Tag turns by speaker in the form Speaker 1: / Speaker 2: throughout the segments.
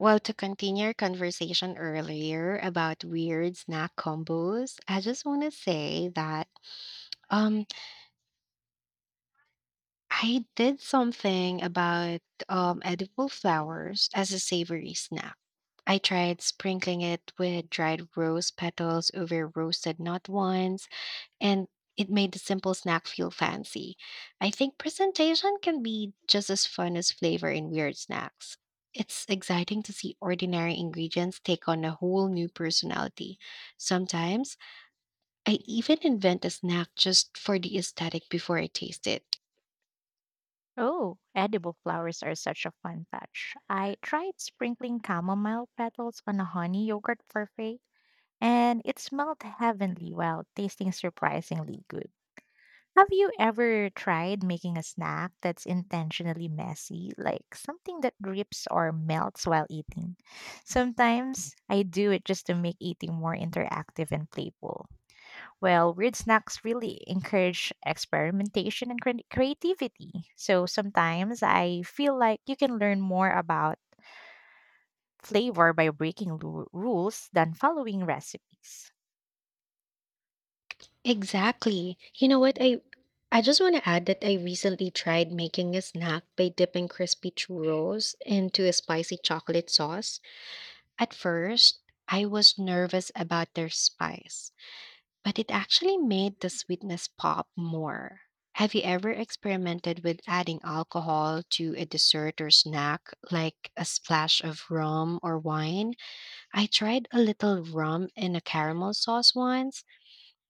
Speaker 1: Well, to continue our conversation earlier about weird snack combos, I just want to say that um, I did something about edible flowers as a savory snack. I tried sprinkling it with dried rose petals over roasted nut ones and it made the simple snack feel fancy. I think presentation can be just as fun as flavor in weird snacks. It's exciting to see ordinary ingredients take on a whole new personality. Sometimes I even invent a snack just for the aesthetic before I taste it.
Speaker 2: Oh, edible flowers are such a fun touch. I tried sprinkling chamomile petals on a honey yogurt parfait, and it smelled heavenly while tasting surprisingly good. Have you ever tried making a snack that's intentionally messy, like something that drips or melts while eating? Sometimes I do it just to make eating more interactive and playful. Well, weird snacks really encourage experimentation and creativity. So sometimes I feel like you can learn more about flavor by breaking rules than following recipes.
Speaker 1: Exactly. You know what? I just want to add that I recently tried making a snack by dipping crispy churros into a spicy chocolate sauce. At first, I was nervous about their spice, but it actually made the sweetness pop more. Have you ever experimented with adding alcohol to a dessert or snack, like a splash of rum or wine? I tried a little rum in a caramel sauce once,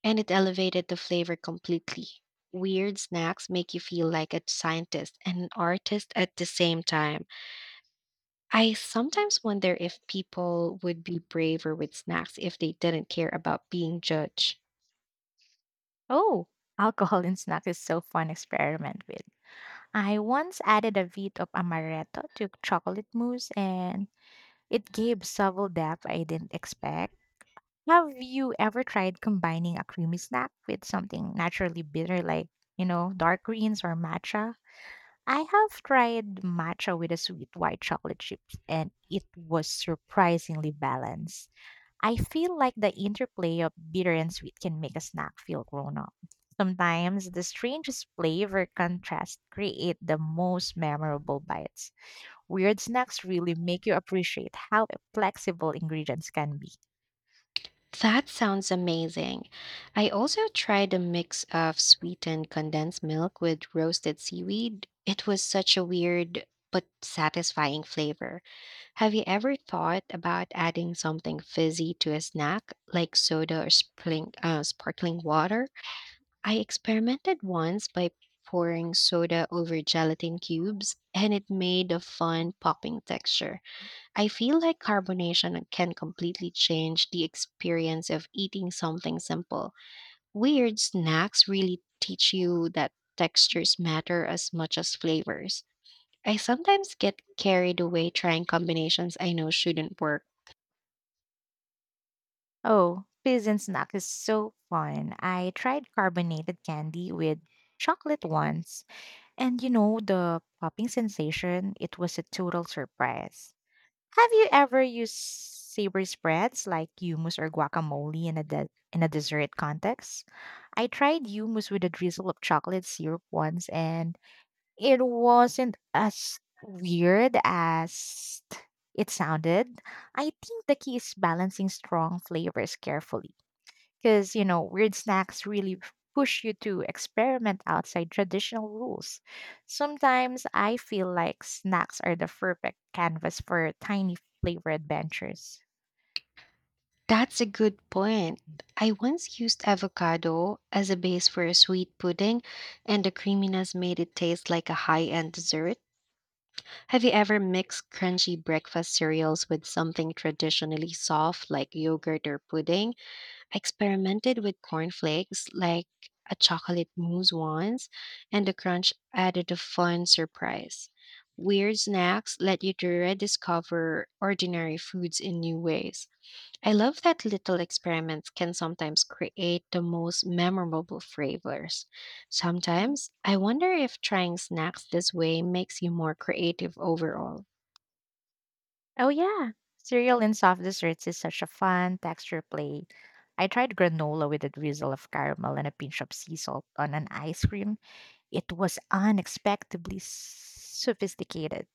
Speaker 1: and it elevated the flavor completely. Weird snacks make you feel like a scientist and an artist at the same time. I sometimes wonder if people would be braver with snacks if they didn't care about being judged.
Speaker 2: Oh, alcohol in snack is so fun experiment with. I once added a bit of amaretto to chocolate mousse, and it gave subtle depth I didn't expect. Have you ever tried combining a creamy snack with something naturally bitter like, you know, dark greens or matcha? I have tried matcha with a sweet white chocolate chips, and it was surprisingly balanced. I feel like the interplay of bitter and sweet can make a snack feel grown up. Sometimes the strangest flavor contrast create the most memorable bites. Weird snacks really make you appreciate how flexible ingredients can be.
Speaker 1: That sounds amazing. I also tried a mix of sweetened condensed milk with roasted seaweed. It was such a weird but satisfying flavor. Have you ever thought about adding something fizzy to a snack, like soda or sparkling water? I experimented once by pouring soda over gelatin cubes, and it made a fun popping texture. I feel like carbonation can completely change the experience of eating something simple. Weird snacks really teach you that textures matter as much as flavors. I sometimes get carried away trying combinations I know shouldn't work.
Speaker 2: Oh, pigeon snack is so fun. I tried carbonated candy with chocolate once, and you know the popping sensation, it was a total surprise. Have you ever used savory spreads like hummus or guacamole in in a dessert context? I tried hummus with a drizzle of chocolate syrup once, and it wasn't as weird as it sounded. I think the key is balancing strong flavors carefully, because you know weird snacks really push you to experiment outside traditional rules. Sometimes I feel like snacks are the perfect canvas for tiny flavor adventures.
Speaker 1: That's a good point. I once used avocado as a base for a sweet pudding, and the creaminess made it taste like a high end dessert. Have you ever mixed crunchy breakfast cereals with something traditionally soft like yogurt or pudding? I experimented with cornflakes, like a chocolate mousse once, and the crunch added a fun surprise. Weird snacks let you to rediscover ordinary foods in new ways. I love that little experiments can sometimes create the most memorable flavors. Sometimes I wonder if trying snacks this way makes you more creative overall.
Speaker 2: Oh yeah, cereal and soft desserts is such a fun texture play. I tried granola with a drizzle of caramel and a pinch of sea salt on an ice cream. It was unexpectedly sophisticated.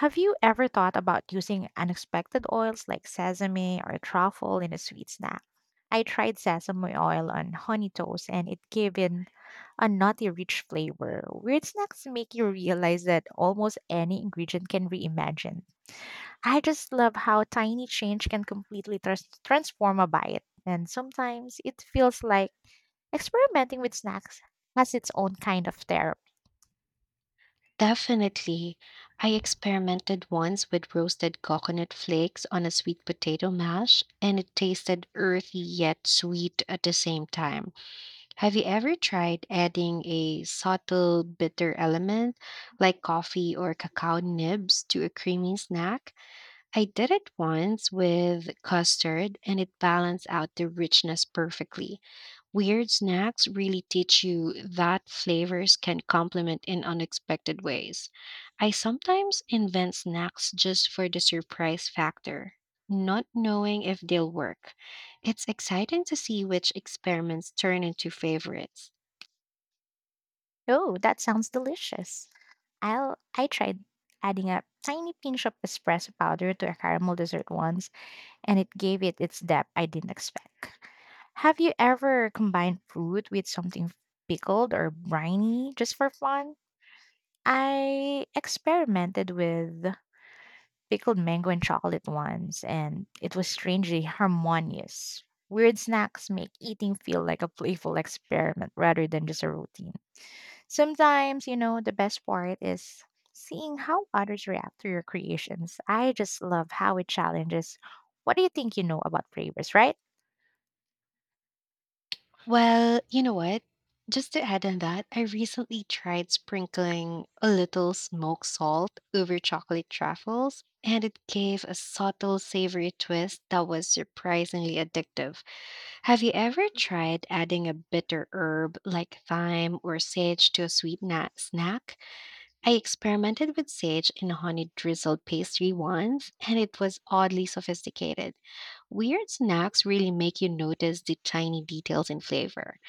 Speaker 2: Have you ever thought about using unexpected oils like sesame or truffle in a sweet snack? I tried sesame oil on honey toast, and it gave it a nutty rich flavor. Weird snacks make you realize that almost any ingredient can be imagined. I just love how tiny change can completely transform a bite. And sometimes it feels like experimenting with snacks has its own kind of therapy.
Speaker 1: Definitely. I experimented once with roasted coconut flakes on a sweet potato mash, and it tasted earthy yet sweet at the same time. Have you ever tried adding a subtle bitter element like coffee or cacao nibs to a creamy snack? I did it once with custard and it balanced out the richness perfectly. Weird snacks really teach you that flavors can complement in unexpected ways. I sometimes invent snacks just for the surprise factor, not knowing if they'll work. It's exciting to see which experiments turn into favorites.
Speaker 2: Oh, that sounds delicious. I tried adding a tiny pinch of espresso powder to a caramel dessert once, and it gave it its depth I didn't expect. Have you ever combined fruit with something pickled or briny just for fun? I experimented with pickled mango and chocolate once, and it was strangely harmonious. Weird snacks make eating feel like a playful experiment rather than just a routine. Sometimes, you know, the best part is seeing how others react to your creations. I just love how it challenges what do you think you know about flavors, right?
Speaker 1: Well, you know what? Just to add on that, I recently tried sprinkling a little smoked salt over chocolate truffles, and it gave a subtle savory twist that was surprisingly addictive. Have you ever tried adding a bitter herb like thyme or sage to a sweet snack? I experimented with sage in a honey drizzled pastry once, and it was oddly sophisticated. Weird snacks really make you notice the tiny details in flavor.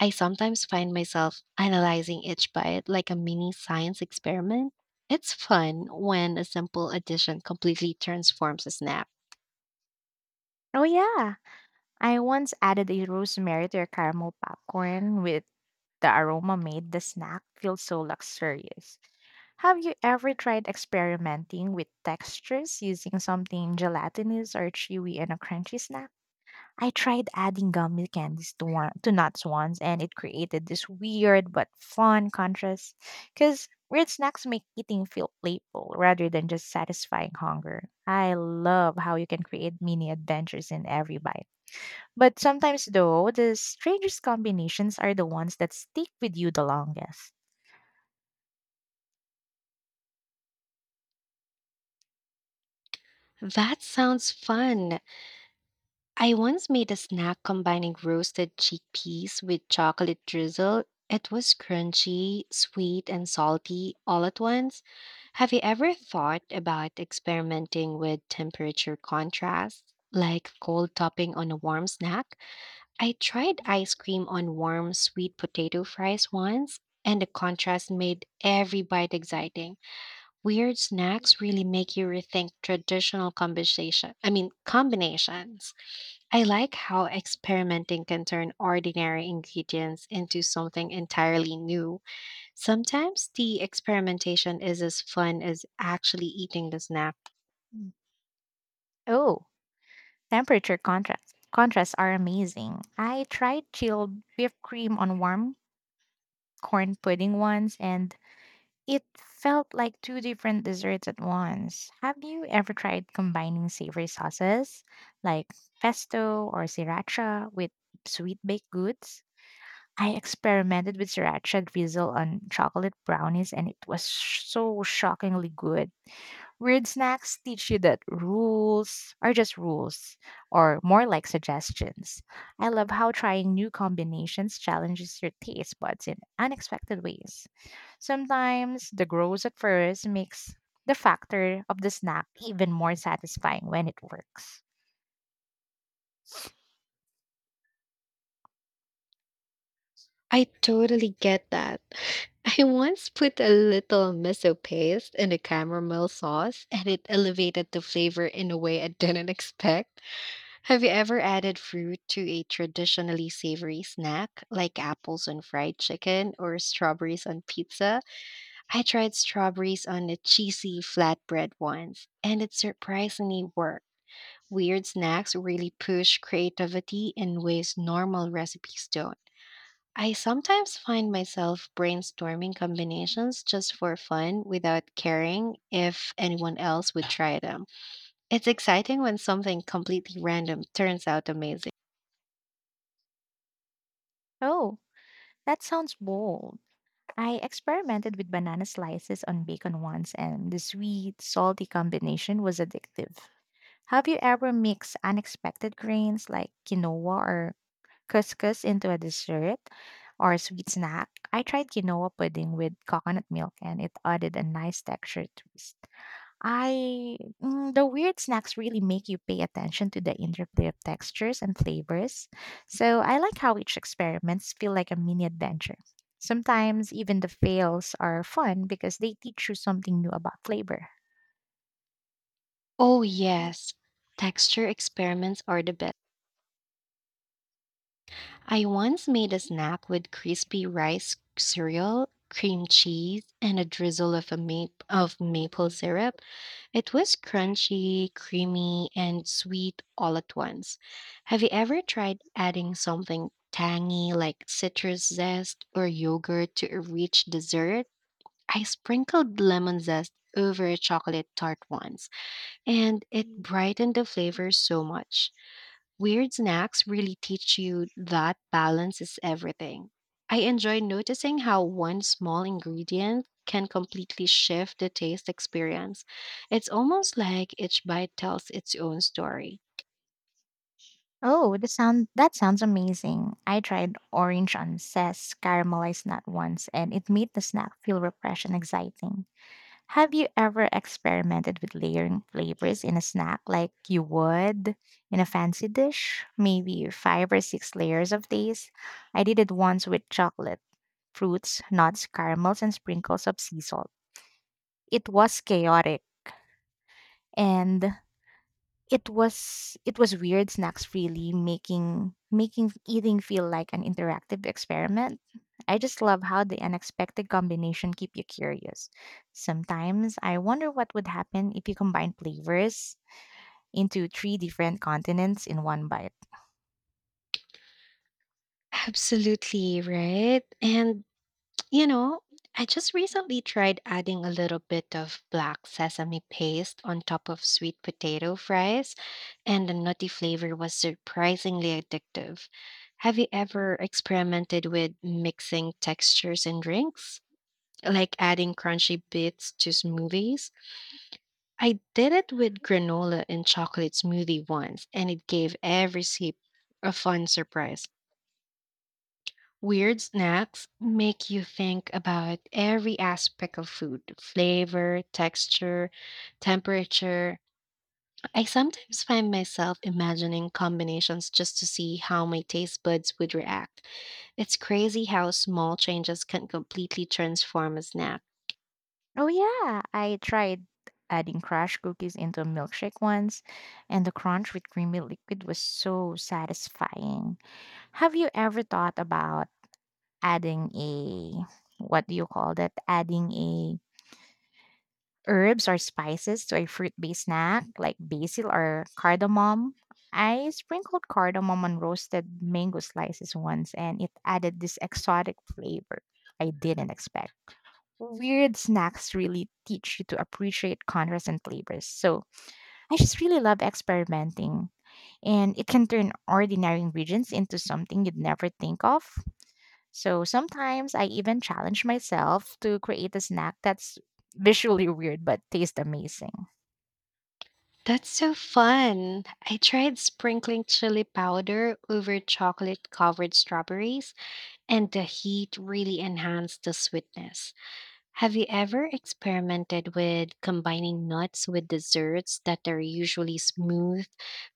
Speaker 1: I sometimes find myself analyzing each bite like a mini science experiment. It's fun when a simple addition completely transforms a snack.
Speaker 2: Oh, yeah. I once added a rosemary to a caramel popcorn, with the aroma made the snack feel so luxurious. Have you ever tried experimenting with textures using something gelatinous or chewy in a crunchy snack? I tried adding gummy candies to nuts once, and it created this weird but fun contrast. Because weird snacks make eating feel playful rather than just satisfying hunger. I love how you can create mini adventures in every bite. But sometimes, though, the strangest combinations are the ones that stick with you the longest.
Speaker 1: That sounds fun. I once made a snack combining roasted chickpeas with chocolate drizzle. It was crunchy, sweet, and salty all at once. Have you ever thought about experimenting with temperature contrast, like cold topping on a warm snack? I tried ice cream on warm sweet potato fries once, and the contrast made every bite exciting. Weird snacks really make you rethink traditional combinations. I like how experimenting can turn ordinary ingredients into something entirely new. Sometimes the experimentation is as fun as actually eating the snack.
Speaker 2: Mm. Oh, temperature contrast. Contrasts are amazing. I tried chilled whipped cream on warm corn pudding once, and it felt like two different desserts at once. Have you ever tried combining savory sauces like pesto or sriracha with sweet baked goods? I experimented with sriracha drizzle on chocolate brownies, and it was so shockingly good. Weird snacks teach you that rules are just rules, or more like suggestions. I love how trying new combinations challenges your taste buds in unexpected ways. Sometimes the gross at first makes the factor of the snack even more satisfying when it works.
Speaker 1: I totally get that. I once put a little miso paste in a caramel sauce and it elevated the flavor in a way I didn't expect. Have you ever added fruit to a traditionally savory snack like apples on fried chicken or strawberries on pizza? I tried strawberries on a cheesy flatbread once, and it surprisingly worked. Weird snacks really push creativity in ways normal recipes don't. I sometimes find myself brainstorming combinations just for fun without caring if anyone else would try them. It's exciting when something completely random turns out amazing.
Speaker 2: Oh, that sounds bold. I experimented with banana slices on bacon once, and the sweet, salty combination was addictive. Have you ever mixed unexpected grains like quinoa or couscous into a dessert or a sweet snack? I tried quinoa pudding with coconut milk, and it added a nice texture twist. I the weird snacks really make you pay attention to the interplay of textures and flavors. So I like how each experiments feel like a mini adventure. Sometimes even the fails are fun because they teach you something new about flavor.
Speaker 1: Oh, yes, texture experiments are the best. I once made a snack with crispy rice cereal, cream cheese, and a drizzle of maple syrup. It was crunchy, creamy, and sweet all at once. Have you ever tried adding something tangy like citrus zest or yogurt to a rich dessert? I sprinkled lemon zest over a chocolate tart once, and it brightened the flavor so much. Weird snacks really teach you that balance is everything. I enjoy noticing how one small ingredient can completely shift the taste experience. It's almost like each bite tells its own story.
Speaker 2: Oh, the sound that sounds amazing. I tried orange on zest caramelized nut once, and it made the snack feel refreshed and exciting. Have you ever experimented with layering flavors in a snack like you would in a fancy dish? Maybe five or six layers of these? I did it once with chocolate, fruits, nuts, caramels, and sprinkles of sea salt. It was chaotic. And it was weird snacks freely making eating feel like an interactive experiment. I just love how the unexpected combination keep you curious. Sometimes I wonder what would happen if you combine flavors into three different continents in one bite.
Speaker 1: Absolutely, right? You know, I just recently tried adding a little bit of black sesame paste on top of sweet potato fries, and the nutty flavor was surprisingly addictive. Have you ever experimented with mixing textures in drinks? Like adding crunchy bits to smoothies? I did it with granola and chocolate smoothie once, and it gave every sip a fun surprise. Weird snacks make you think about every aspect of food flavor, texture, temperature. I sometimes find myself imagining combinations just to see how my taste buds would react. It's crazy how small changes can completely transform a snack.
Speaker 2: Oh yeah, I tried adding crushed cookies into a milkshake once, and the crunch with creamy liquid was so satisfying. Have you ever thought about adding a, what do you call that, adding a herbs or spices to a fruit-based snack like basil or cardamom? I sprinkled cardamom on roasted mango slices once, and it added this exotic flavor I didn't expect. Weird snacks really teach you to appreciate contrast and flavors. So I just really love experimenting, and it can turn ordinary ingredients into something you'd never think of. So sometimes I even challenge myself to create a snack that's visually weird but tastes amazing.
Speaker 1: That's so fun. I tried sprinkling chili powder over chocolate covered strawberries, and the heat really enhanced the sweetness. Have you ever experimented with combining nuts with desserts that are usually smooth,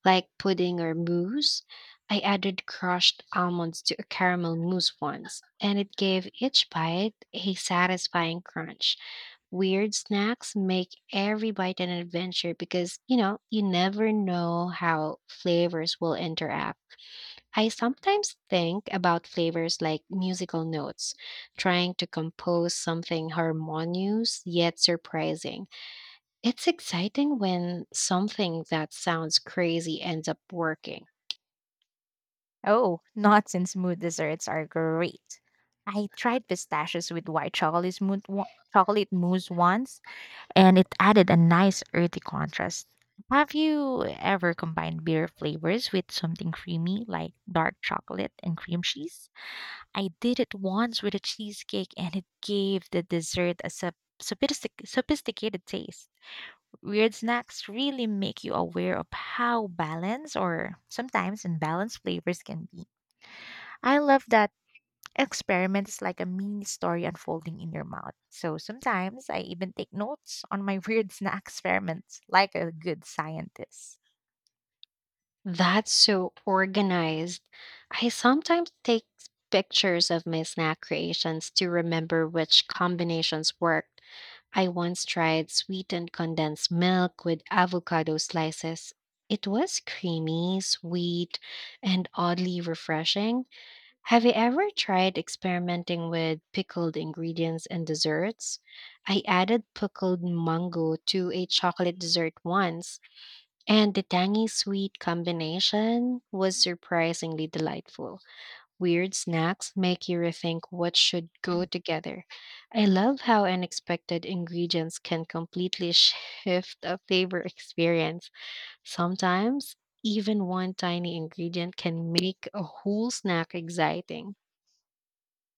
Speaker 1: like pudding or mousse? I added crushed almonds to a caramel mousse once, and it gave each bite a satisfying crunch. Weird snacks make every bite an adventure because, you know, you never know how flavors will interact. I sometimes think about flavors like musical notes, trying to compose something harmonious yet surprising. It's exciting when something that sounds crazy ends up working.
Speaker 2: Oh, nuts and smooth desserts are great. I tried pistachios with white chocolate chocolate mousse once, and it added a nice earthy contrast. Have you ever combined beer flavors with something creamy like dark chocolate and cream cheese? I did it once with a cheesecake, and it gave the dessert a sophisticated taste. Weird snacks really make you aware of how balanced or sometimes unbalanced flavors can be. I love that experiment is like a mini story unfolding in your mouth. So sometimes I even take notes on my weird snack experiments like a good scientist.
Speaker 1: That's so organized. I sometimes take pictures of my snack creations to remember which combinations worked. I once tried sweetened condensed milk with avocado slices. It was creamy, sweet, and oddly refreshing. Have you ever tried experimenting with pickled ingredients in desserts? I added pickled mango to a chocolate dessert once, and the tangy sweet combination was surprisingly delightful. Weird snacks make you rethink what should go together. I love how unexpected ingredients can completely shift a flavor experience. Sometimes, even one tiny ingredient can make a whole snack exciting.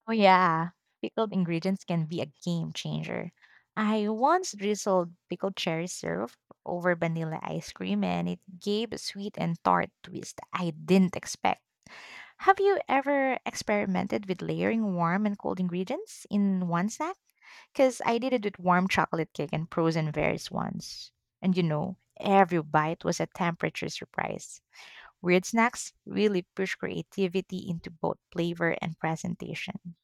Speaker 2: Oh, yeah, pickled ingredients can be a game changer. I once drizzled pickled cherry syrup over vanilla ice cream, and it gave a sweet and tart twist I didn't expect. Have you ever experimented with layering warm and cold ingredients in one snack? Because I did it with warm chocolate cake and frozen berries once. And you know, every bite was a temperature surprise. Weird snacks really push creativity into both flavor and presentation.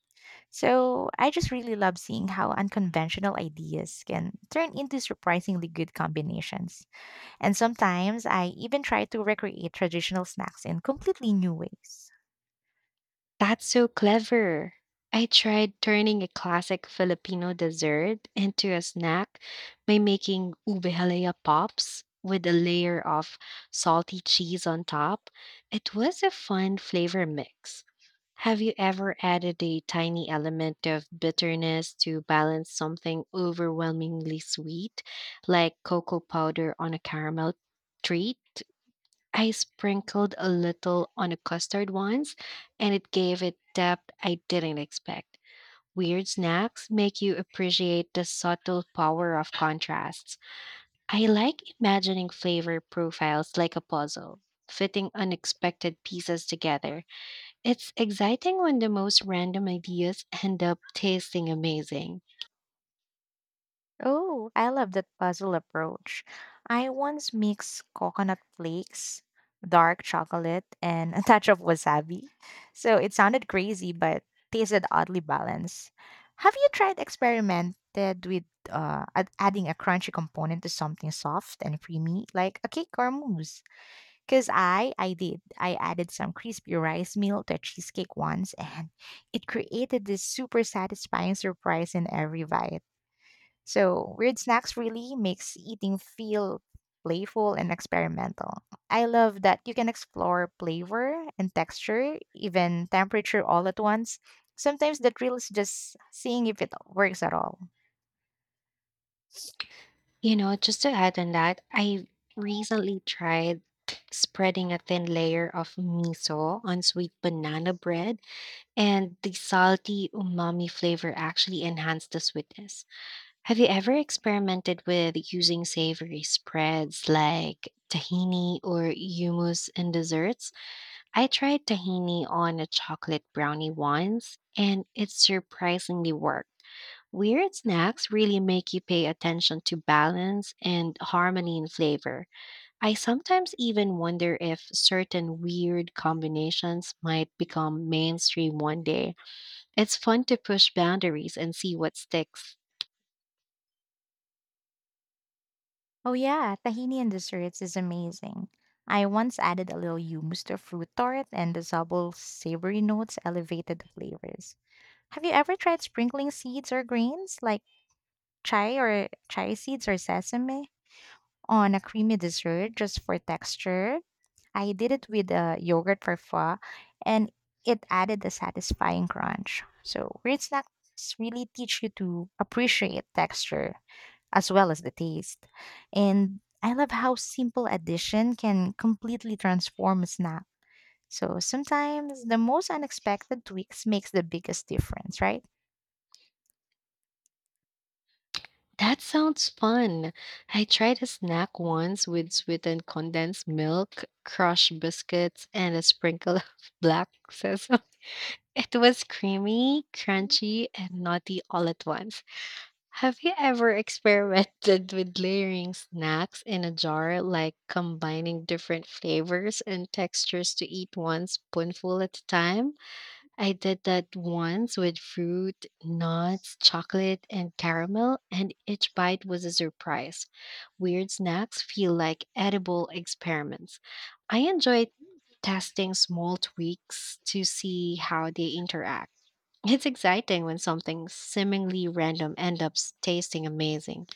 Speaker 2: So I just really love seeing how unconventional ideas can turn into surprisingly good combinations. And sometimes I even try to recreate traditional snacks in completely new ways.
Speaker 1: That's so clever. I tried turning a classic Filipino dessert into a snack by making ube halaya pops with a layer of salty cheese on top. It was a fun flavor mix. Have you ever added a tiny element of bitterness to balance something overwhelmingly sweet, like cocoa powder on a caramel treat? I sprinkled a little on a custard once, and it gave it depth I didn't expect. Weird snacks make you appreciate the subtle power of contrasts. I like imagining flavor profiles like a puzzle, fitting unexpected pieces together. It's exciting when the most random ideas end up tasting amazing.
Speaker 2: Oh, I love that puzzle approach. I once mixed coconut flakes, dark chocolate, and a touch of wasabi. So it sounded crazy, but tasted oddly balanced. Have you tried experimented with adding a crunchy component to something soft and creamy, like a cake or a mousse? Because I did. I added some crispy rice meal to a cheesecake once, and it created this super satisfying surprise in every bite. So, weird snacks really makes eating feel playful and experimental. I love that you can explore flavor and texture, even temperature all at once. Sometimes the thrill is just seeing if it works at all.
Speaker 1: You know, just to add on that, I recently tried spreading a thin layer of miso on sweet banana bread, and the salty umami flavor actually enhanced the sweetness. Have you ever experimented with using savory spreads like tahini or hummus in desserts? I tried tahini on a chocolate brownie once, and it surprisingly worked. Weird snacks really make you pay attention to balance and harmony in flavor. I sometimes even wonder if certain weird combinations might become mainstream one day. It's fun to push boundaries and see what sticks.
Speaker 2: Oh yeah, tahini and desserts is amazing. I once added a little hummus to a fruit tart, and the subtle savory notes elevated the flavors. Have you ever tried sprinkling seeds or grains like chai or chai seeds or sesame on a creamy dessert just for texture? I did it with a yogurt parfait, and it added a satisfying crunch. So weird snacks really teach you to appreciate texture as well as the taste. And I love how simple addition can completely transform a snack. So sometimes the most unexpected tweaks makes the biggest difference, right?
Speaker 1: That sounds fun. I tried a snack once with sweetened condensed milk, crushed biscuits, and a sprinkle of black sesame. It was creamy, crunchy, and nutty all at once. Have you ever experimented with layering snacks in a jar, like combining different flavors and textures to eat one spoonful at a time? I did that once with fruit, nuts, chocolate, and caramel, and each bite was a surprise. Weird snacks feel like edible experiments. I enjoy testing small tweaks to see how they interact. It's exciting when something seemingly random ends up tasting amazing.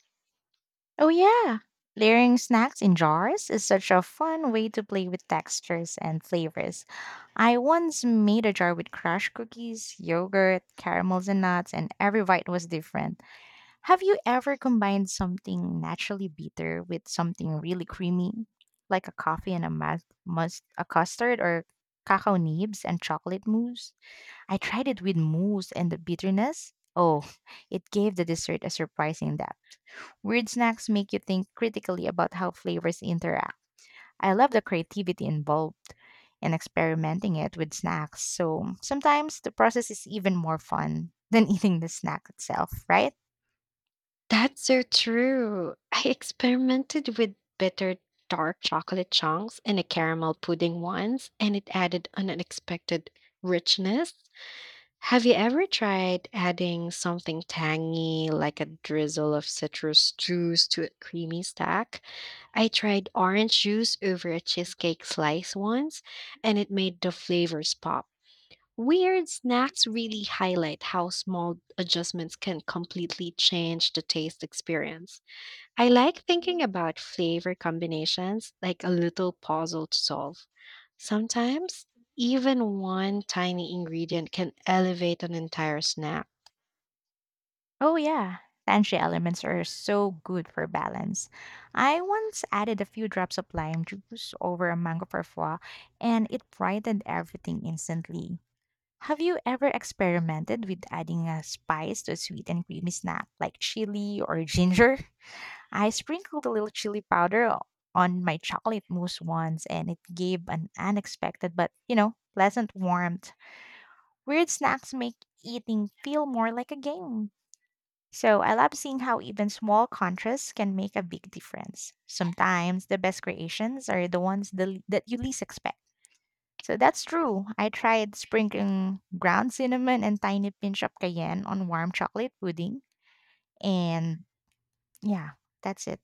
Speaker 2: Oh yeah. Layering snacks in jars is such a fun way to play with textures and flavors. I once made a jar with crushed cookies, yogurt, caramels, and nuts, and every bite was different. Have you ever combined something naturally bitter with something really creamy, like a coffee and a must a custard, or cacao nibs and chocolate mousse? I tried it with mousse, and the bitterness. Oh, it gave the dessert a surprising depth. Weird snacks make you think critically about how flavors interact. I love the creativity involved in experimenting it with snacks. So sometimes the process is even more fun than eating the snack itself, right?
Speaker 1: That's so true. I experimented with bitter dark chocolate chunks in a caramel pudding once, and it added an unexpected richness. Have you ever tried adding something tangy, like a drizzle of citrus juice, to a creamy stack? I tried orange juice over a cheesecake slice once, and it made the flavors pop. Weird snacks really highlight how small adjustments can completely change the taste experience. I like thinking about flavor combinations like a little puzzle to solve. Sometimes, even one tiny ingredient can elevate an entire snack.
Speaker 2: Oh, yeah. Tangy elements are so good for balance. I once added a few drops of lime juice over a mango parfois, and it brightened everything instantly. Have you ever experimented with adding a spice to a sweet and creamy snack like chili or ginger? I sprinkled a little chili powder on my chocolate mousse once, and it gave an unexpected but, you know, pleasant warmth. Weird snacks make eating feel more like a game. So I love seeing how even small contrasts can make a big difference. Sometimes the best creations are the ones that you least expect. So that's true. I tried sprinkling ground cinnamon and tiny pinch of cayenne on warm chocolate pudding, and yeah, that's it.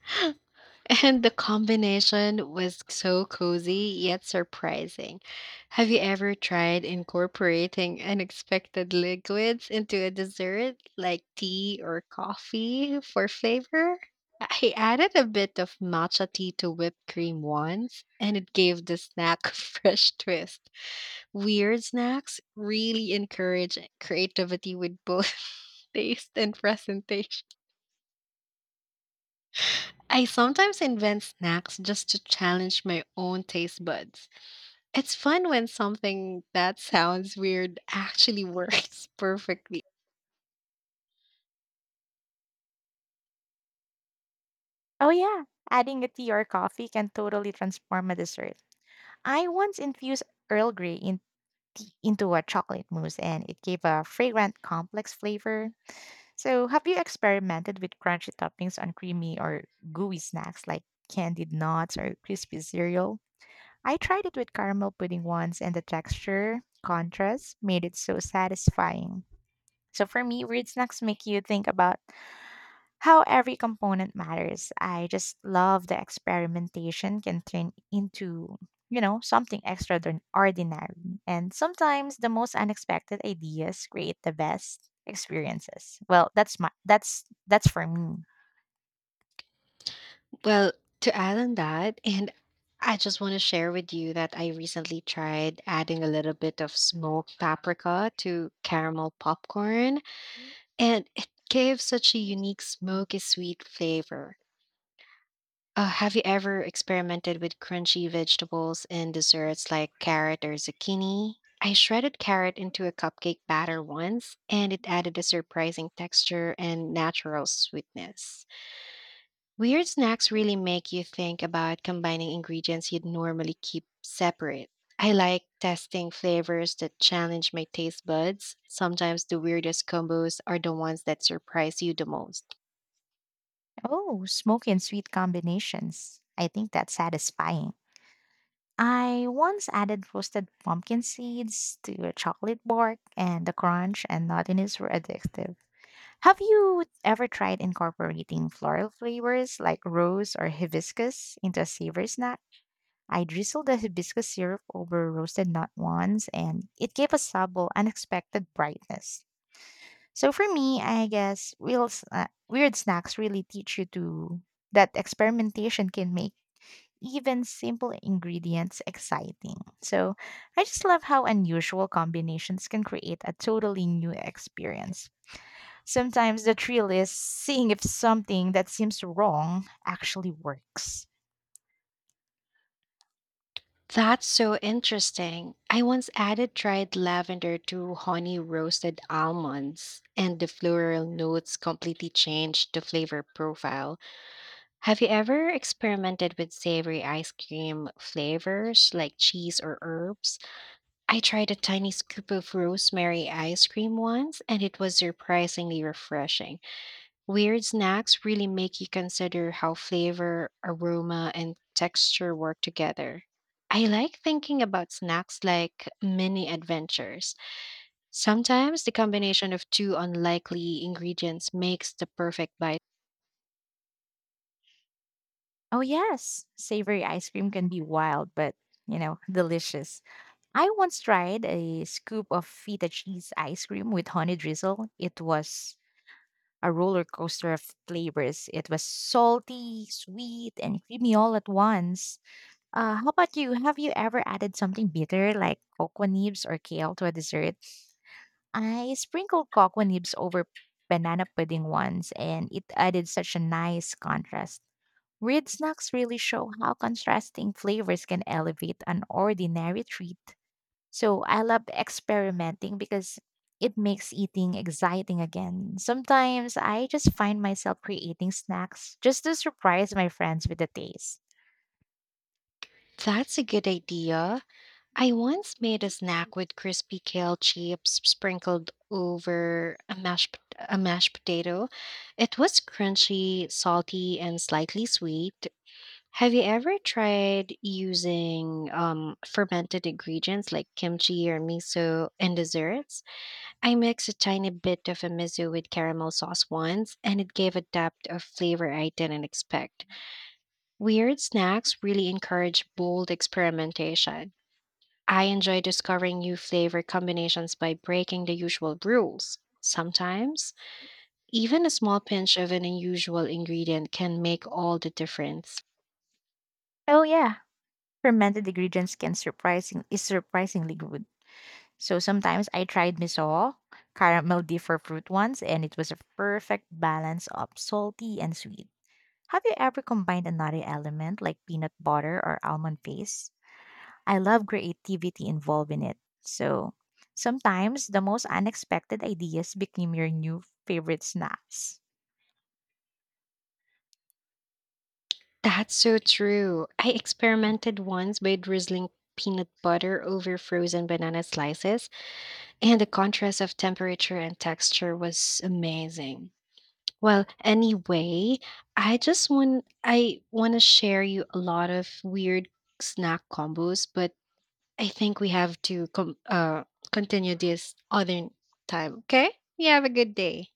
Speaker 1: And the combination was so cozy yet surprising. Have you ever tried incorporating unexpected liquids into a dessert like tea or coffee for flavor? I added a bit of matcha tea to whipped cream once, and it gave the snack a fresh twist. Weird snacks really encourage creativity with both taste and presentation. I sometimes invent snacks just to challenge my own taste buds. It's fun when something that sounds weird actually works perfectly.
Speaker 2: Oh yeah, adding a tea or coffee can totally transform a dessert. I once infused Earl Grey in tea, into a chocolate mousse, and it gave a fragrant complex flavor. So, have you experimented with crunchy toppings on creamy or gooey snacks like candied nuts or crispy cereal? I tried it with caramel pudding once, and the texture contrast made it so satisfying. So for me, weird snacks make you think about how every component matters. I just love the experimentation can turn into, you know, something extraordinary. And sometimes the most unexpected ideas create the best experiences. Well, that's my that's for me.
Speaker 1: Well, to add on that, and I just want to share with you that I recently tried adding a little bit of smoked paprika to caramel popcorn, and it gave such a unique smoky sweet flavor. Have you ever experimented with crunchy vegetables in desserts like carrot or zucchini? I shredded carrot into a cupcake batter once, and it added a surprising texture and natural sweetness. Weird snacks really make you think about combining ingredients you'd normally keep separate. I like testing flavors that challenge my taste buds. Sometimes the weirdest combos are the ones that surprise you the most.
Speaker 2: Oh, smoky and sweet combinations. I think that's satisfying. I once added roasted pumpkin seeds to a chocolate bark, and the crunch and nuttiness were addictive. Have you ever tried incorporating floral flavors like rose or hibiscus into a savory snack? I drizzled the hibiscus syrup over roasted nut once, and it gave a subtle, unexpected brightness. So for me, I guess weird snacks really teach you to that experimentation can make even simple ingredients exciting. So I just love how unusual combinations can create a totally new experience. Sometimes the thrill is seeing if something that seems wrong actually works.
Speaker 1: That's so interesting. I once added dried lavender to honey roasted almonds, and the floral notes completely changed the flavor profile. Have you ever experimented with savory ice cream flavors like cheese or herbs? I tried a tiny scoop of rosemary ice cream once, and it was surprisingly refreshing. Weird snacks really make you consider how flavor, aroma, and texture work together. I like thinking about snacks like mini adventures. Sometimes the combination of two unlikely ingredients makes the perfect bite.
Speaker 2: Oh, yes, savory ice cream can be wild, but you know, delicious. I once tried a scoop of feta cheese ice cream with honey drizzle. It was a roller coaster of flavors. It was salty, sweet, and creamy all at once. How about you? Have you ever added something bitter like cocoa nibs or kale to a dessert? I sprinkled cocoa nibs over banana pudding once, and it added such a nice contrast. Weird snacks really show how contrasting flavors can elevate an ordinary treat. So I love experimenting because it makes eating exciting again. Sometimes I just find myself creating snacks just to surprise my friends with the taste.
Speaker 1: That's a good idea. I once made a
Speaker 2: Mhm.
Speaker 1: snack with crispy kale chips sprinkled over a mashed potato. It was crunchy, salty, and slightly sweet. Have you ever tried using fermented ingredients like kimchi or miso in desserts? I mixed a tiny bit of a miso with caramel sauce once, and it gave a depth of flavor I didn't expect. Weird snacks really encourage bold experimentation. I enjoy discovering new flavor combinations by breaking the usual rules. Sometimes, even a small pinch of an unusual ingredient can make all the difference.
Speaker 2: Oh yeah, fermented ingredients can surprising is surprisingly good. So sometimes I tried miso, caramel differ fruit ones, and it was a perfect balance of salty and sweet. Have you ever combined another element like peanut butter or almond paste? I love creativity involved in it. So sometimes the most unexpected ideas became your new favorite snacks.
Speaker 1: That's so true. I experimented once by drizzling peanut butter over frozen banana slices, and the contrast of temperature and texture was amazing. Well, anyway, I want to share you a lot of weird snack combos, but I think we have to continue this other time. Okay? You have a good day.